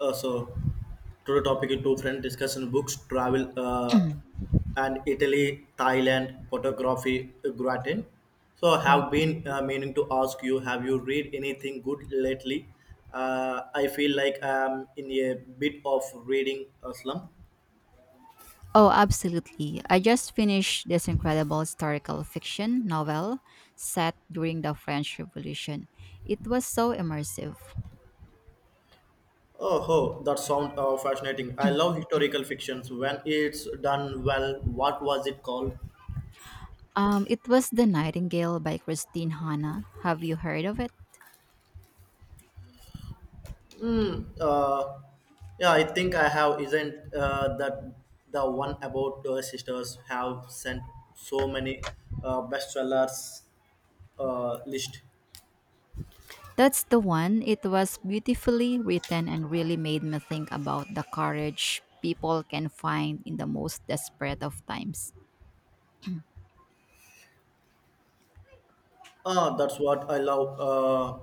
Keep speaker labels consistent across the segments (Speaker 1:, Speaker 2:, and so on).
Speaker 1: So today topic is two friend discussion books, travel, and Italy, Thailand, photography, gratin. So I
Speaker 2: Mm.
Speaker 1: have been meaning to ask you, have you read anything good lately? I feel like I'm in a bit of reading a slump.
Speaker 2: Oh, absolutely. I just finished this incredible historical fiction novel set during the French Revolution. It was so immersive.
Speaker 1: Oh, oh, that sounds fascinating. I love historical fictions when it's done well. What was it called?
Speaker 2: It was The Nightingale by Christine Hanna. Have you heard of it?
Speaker 1: Mm, yeah, I think I have. Isn't that the one about sisters have sent so many bestsellers list?
Speaker 2: That's the one. It was beautifully written and really made me think about the courage people can find in the most desperate of times.
Speaker 1: Ah, that's what I love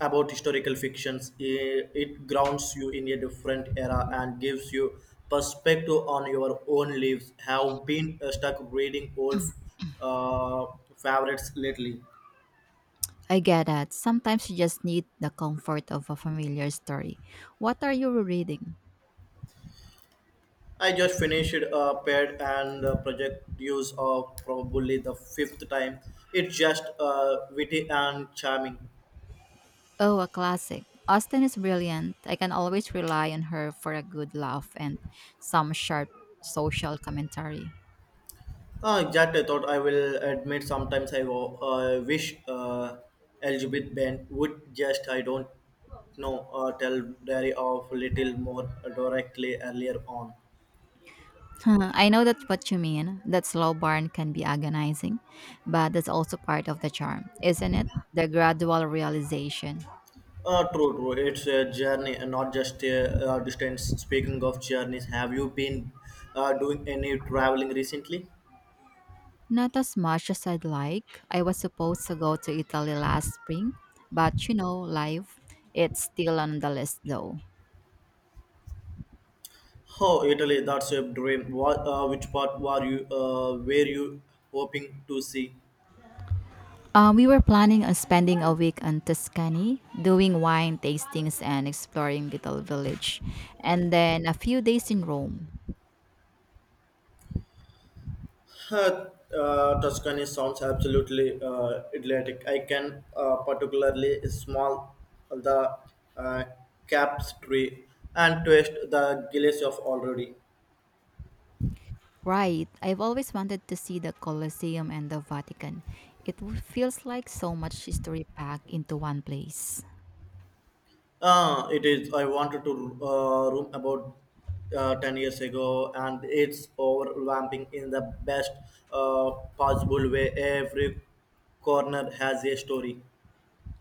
Speaker 1: about historical fictions. It grounds you in a different era and gives you perspective on your own lives. Have been stuck reading old uh, favorites lately.
Speaker 2: I get that. Sometimes you just need the comfort of a familiar story. What are you reading?
Speaker 1: I just finished a pet and project use of probably the fifth time. It's just witty and charming.
Speaker 2: Oh, a classic. Austin is brilliant. I can always rely on her for a good laugh and some sharp social commentary.
Speaker 1: Exactly, I thought I will admit sometimes I wish Elizabeth Bent would just, I don't know, tell Diary of little more directly earlier on.
Speaker 2: Huh, I know that's what you mean. That slow burn can be agonizing, but that's also part of the charm, isn't it? The gradual realization.
Speaker 1: True, true. It's a journey and not just a distance. Speaking of journeys, have you been doing any traveling recently?
Speaker 2: Not as much as I'd like. I was supposed to go to Italy last spring, but you know, life. It's still on the list though.
Speaker 1: Oh, Italy, that's a dream. Which part were you hoping to see?
Speaker 2: We were planning on spending a week in Tuscany, doing wine tastings and exploring little village, and then a few days in Rome.
Speaker 1: Uh, Tuscany sounds absolutely idyllic. I can particularly smell the uh, cap's tree and taste the gillies of already.
Speaker 2: Right, I've always wanted to see the Colosseum and the Vatican. Feels like so much history packed into one place.
Speaker 1: It is. I wanted to room about 10 years ago, and it's overwhelming in the best uh, possible way. Every corner has a story.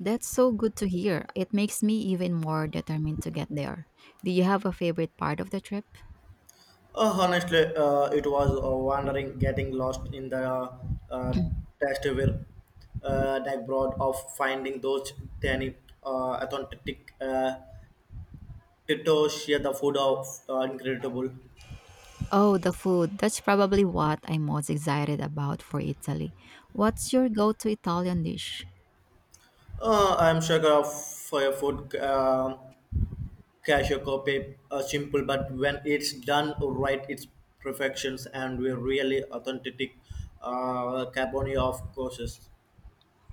Speaker 2: That's so good to hear. It makes me even more determined to get there. Do you have a favorite part of the trip?
Speaker 1: Honestly, it was wandering, getting lost in the uh, test where that broad of finding those tiny, authentic titos share the food of incredible.
Speaker 2: Oh, the food. That's probably what I'm most excited about for Italy. What's your go to Italian dish?
Speaker 1: I'm sure of food. Casio copy are simple, but when it's done right, it's perfections and we're really authentic carboni of courses.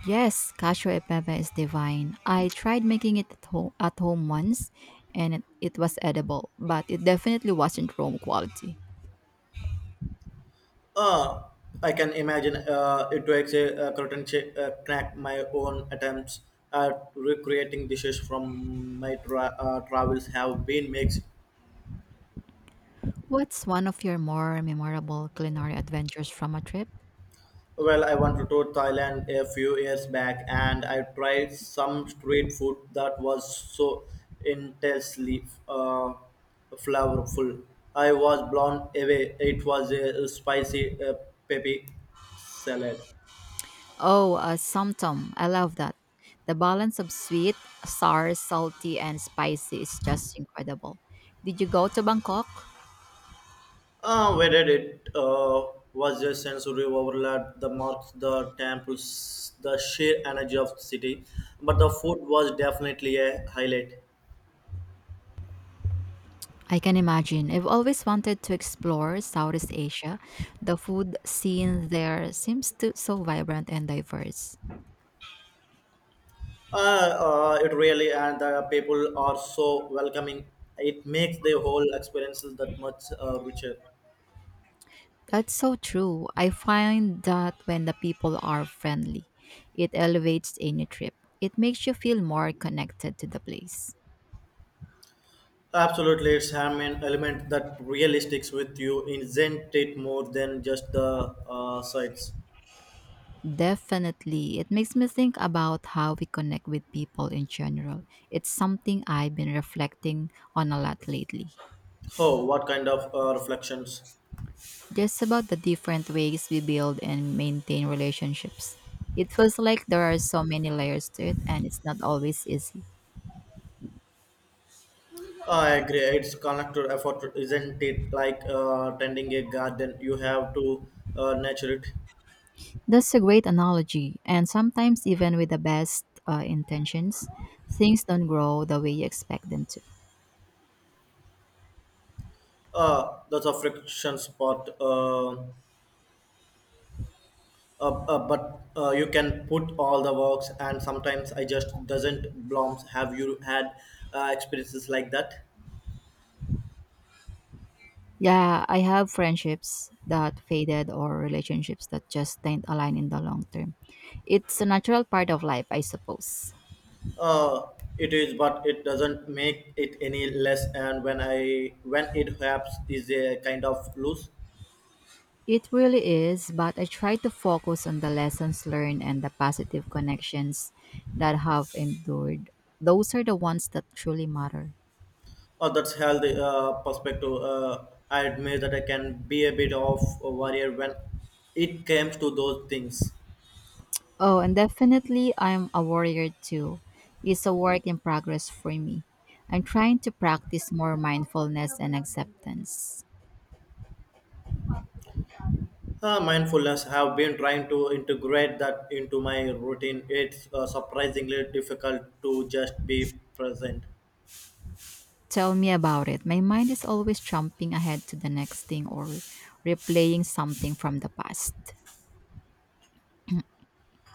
Speaker 2: Yes, cacio e pepe is divine. I tried making it at home once and it was edible, but it definitely wasn't Rome quality.
Speaker 1: Uh, I can imagine it takes a curtain crack my own attempts at recreating dishes from my travels have been mixed.
Speaker 2: What's one of your more memorable culinary adventures from a trip?
Speaker 1: Well, I went to Thailand a few years back and I tried some street food that was so intensely flavorful. I was blown away. It was a spicy peppy salad.
Speaker 2: Oh, a somtom. I love that. The balance of sweet, sour, salty, and spicy is just incredible. Did you go to Bangkok?
Speaker 1: Whether it was a sensory overload, the marks, the temples, the sheer energy of the city, but the food was definitely a highlight.
Speaker 2: I can imagine. I've always wanted to explore Southeast Asia. The food scene there seems to so vibrant and diverse.
Speaker 1: It really and the people are so welcoming. It makes the whole experience that much richer.
Speaker 2: That's so true. I find that when the people are friendly, it elevates any trip. It makes you feel more connected to the place.
Speaker 1: Absolutely, it's an element that really sticks with you, isn't it? More than just the sights?
Speaker 2: Definitely. It makes me think about how we connect with people in general. It's something I've been reflecting on a lot lately.
Speaker 1: Oh, what kind of reflections?
Speaker 2: Just about the different ways we build and maintain relationships. It feels like there are so many layers to it, and it's not always easy.
Speaker 1: I agree. It's connected effort, isn't it? Like tending a garden, you have to nurture it.
Speaker 2: That's a great analogy. And sometimes, even with the best intentions, things don't grow the way you expect them to.
Speaker 1: That's a frictions part. But you can put all the works, and sometimes I just doesn't blooms. Have you had experiences like that?
Speaker 2: Yeah, I have friendships that faded or relationships that just didn't align in the long term. It's a natural part of life, I suppose.
Speaker 1: Uh, it is, but it doesn't make it any less. And when it happens, is a kind of loose.
Speaker 2: It really is, but I try to focus on the lessons learned and the positive connections that have endured. Those are the ones that truly matter.
Speaker 1: Oh, that's healthy perspective. I admit that I can be a bit of a warrior when it comes to those things.
Speaker 2: Oh, and definitely I'm a warrior too. It's a work in progress for me. I'm trying to practice more mindfulness and acceptance.
Speaker 1: Mindfulness I have been trying to integrate that into my routine. It's surprisingly difficult to just be present.
Speaker 2: Tell me about it. My mind is always jumping ahead to the next thing or replaying something from the past.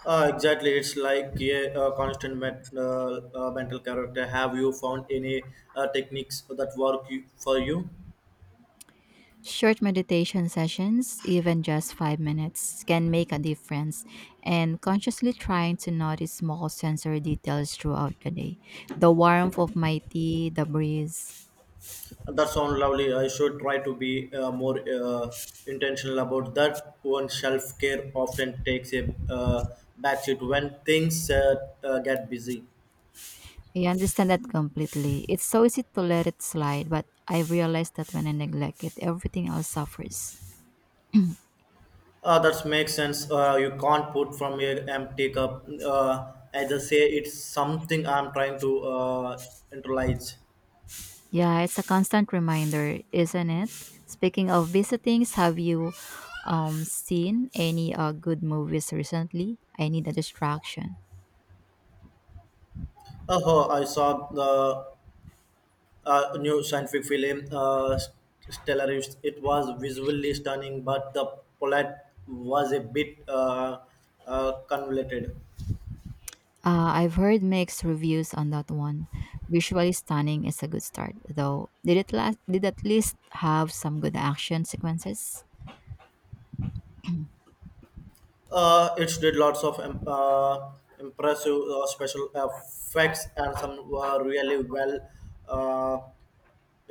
Speaker 1: Exactly, it's like yeah, a constant mental character. Have you found any techniques that work for you?
Speaker 2: Short meditation sessions, even just 5 minutes, can make a difference. And consciously trying to notice small sensory details throughout the day the warmth of my tea, the breeze.
Speaker 1: That sounds lovely. I should try to be more intentional about that. One self care often takes a backseat when things get busy.
Speaker 2: I understand that completely. It's so easy to let it slide, but I realize that when I neglect it, everything else suffers.
Speaker 1: That makes sense. You can't put from an empty cup. As I say, it's something I'm trying to internalize.
Speaker 2: Yeah, it's a constant reminder, isn't it? Speaking of visitings, have you seen any good movies recently? I need a distraction.
Speaker 1: Oh, I saw the new scientific film, Stellaris. It was visually stunning, but the plot was a bit convoluted.
Speaker 2: I've heard mixed reviews on that one. Visually stunning is a good start, though. Did it last? Did at least have some good action sequences?
Speaker 1: It did lots of impressive special effects and some were really well. Uh,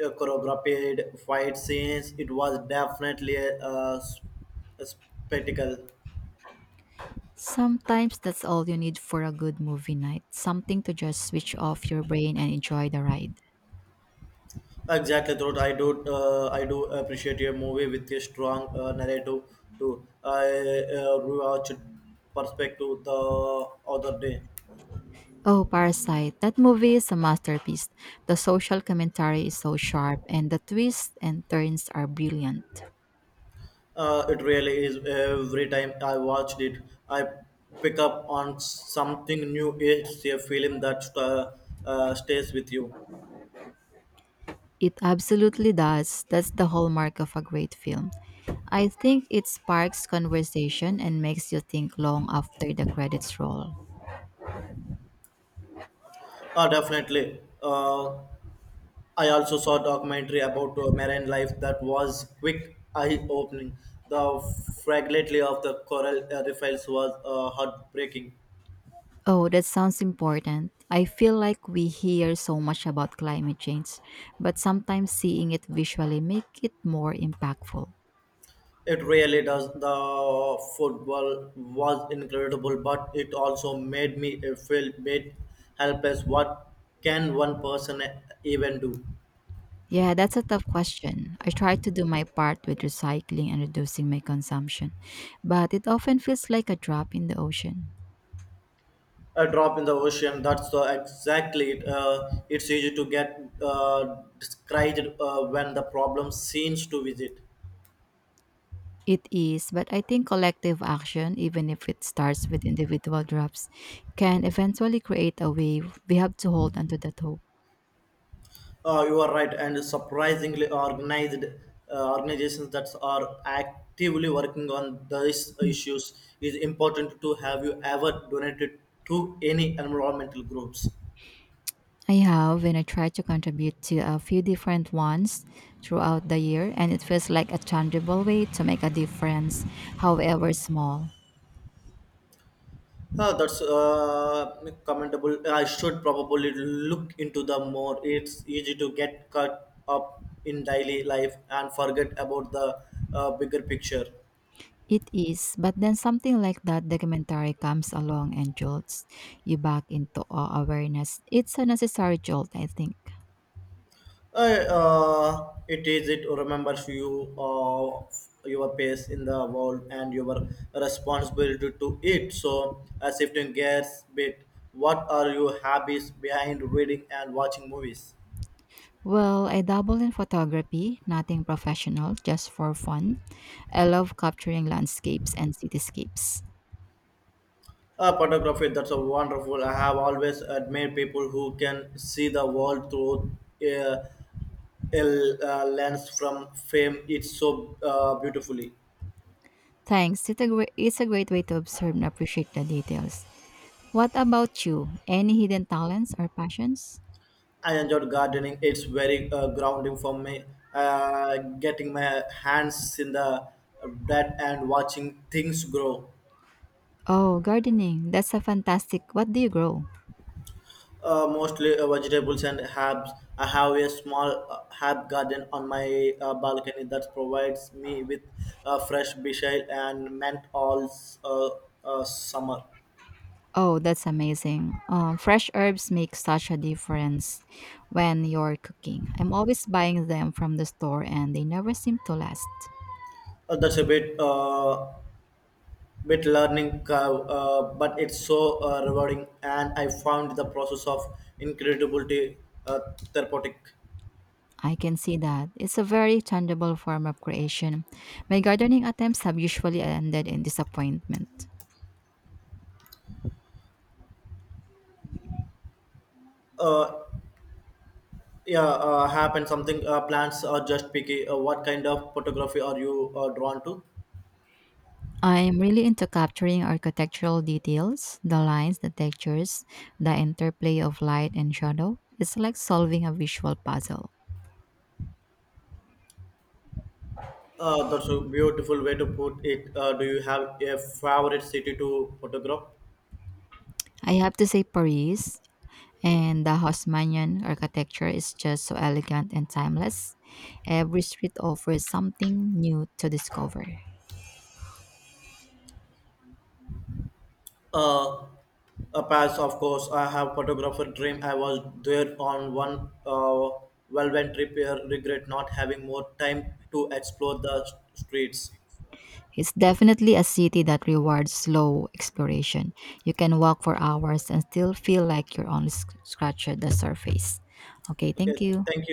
Speaker 1: Choreographed fight scenes. It was definitely a spectacle.
Speaker 2: Sometimes that's all you need for a good movie night. Something to just switch off your brain and enjoy the ride.
Speaker 1: Exactly, thought I do. I do appreciate a movie with a strong narrative too. I rewatched Perspective the other day.
Speaker 2: Oh, Parasite. That movie is a masterpiece. The social commentary is so sharp, and the twists and turns are brilliant.
Speaker 1: It really is. Every time I watched it, I pick up on something new. It's a film that stays with you.
Speaker 2: It absolutely does. That's the hallmark of a great film. I think it sparks conversation and makes you think long after the credits roll.
Speaker 1: Definitely. I also saw a documentary about marine life that was quick eye opening. The fragility of the coral reefs was heartbreaking.
Speaker 2: Oh, that sounds important. I feel like we hear so much about climate change, but sometimes seeing it visually make it more impactful.
Speaker 1: It really does. The football was incredible, but it also made me feel bit helpless. What can one person even do?
Speaker 2: Yeah, that's a tough question. I try to do my part with recycling and reducing my consumption, but it often feels like a drop in the ocean.
Speaker 1: A drop in the ocean. That's the exactly it. It's easy to get discouraged when the problem seems to visit.
Speaker 2: It is, but I think collective action, even if it starts with individual drops, can eventually create a wave. We have to hold onto that hope.
Speaker 1: You are right, and surprisingly organized organizations that are actively working on these issues is important to have you ever donated to any environmental groups.
Speaker 2: I have, and I try to contribute to a few different ones throughout the year, and it feels like a tangible way to make a difference, however small
Speaker 1: That's commendable. I should probably look into the more. It's easy to get caught up in daily life and forget about the bigger picture.
Speaker 2: it is. But then something like that documentary comes along and jolts you back into awe awareness. It's a necessary jolt, I think.
Speaker 1: It is. It remembers you of your place in the world and your responsibility to it. So, shifting gears bit, what are your habits behind reading and watching movies?
Speaker 2: Well, I dabble in photography, nothing professional, just for fun. I love capturing landscapes and cityscapes.
Speaker 1: Photography, that's a wonderful. I have always admired people who can see the world through uh, a lens from fame. It's so beautifully.
Speaker 2: Thanks. Great, it's a great way to observe and appreciate the details. What about you? Any hidden talents or passions?
Speaker 1: I enjoyed gardening. It's very grounding for me. Getting my hands in the dirt and watching things grow,
Speaker 2: Oh, gardening. That's a fantastic. What do you grow?
Speaker 1: mostly vegetables and herbs. I have a small herb garden on my balcony that provides me with fresh basil and mint all uh, summer.
Speaker 2: Oh, that's amazing. Fresh herbs make such a difference when you're cooking. I'm always buying them from the store and they never seem to last.
Speaker 1: That's a bit. Bit learning curve, but it's so rewarding, and I found the process of incredibility uh, therapeutic.
Speaker 2: I can see that. It's a very tangible form of creation. My gardening attempts have usually ended in disappointment.
Speaker 1: Uh, yeah, happen something. Plants are just picky. What kind of photography are you drawn to?
Speaker 2: I'm really into capturing architectural details, the lines, the textures, the interplay of light and shadow. It's like solving a visual puzzle.
Speaker 1: That's a beautiful way to put it. Do you have a favorite city to photograph?
Speaker 2: I have to say, Paris and the Haussmannian architecture is just so elegant and timeless. Every street offers something new to discover.
Speaker 1: Uh, a pass, of course. I have photographer dream. I was there on one whirlwind trip here. Regret not having more time to explore the streets.
Speaker 2: It's definitely a city that rewards slow exploration. You can walk for hours and still feel like you're only scratching the surface. Okay,
Speaker 1: Okay,
Speaker 2: thank you.
Speaker 1: thank you.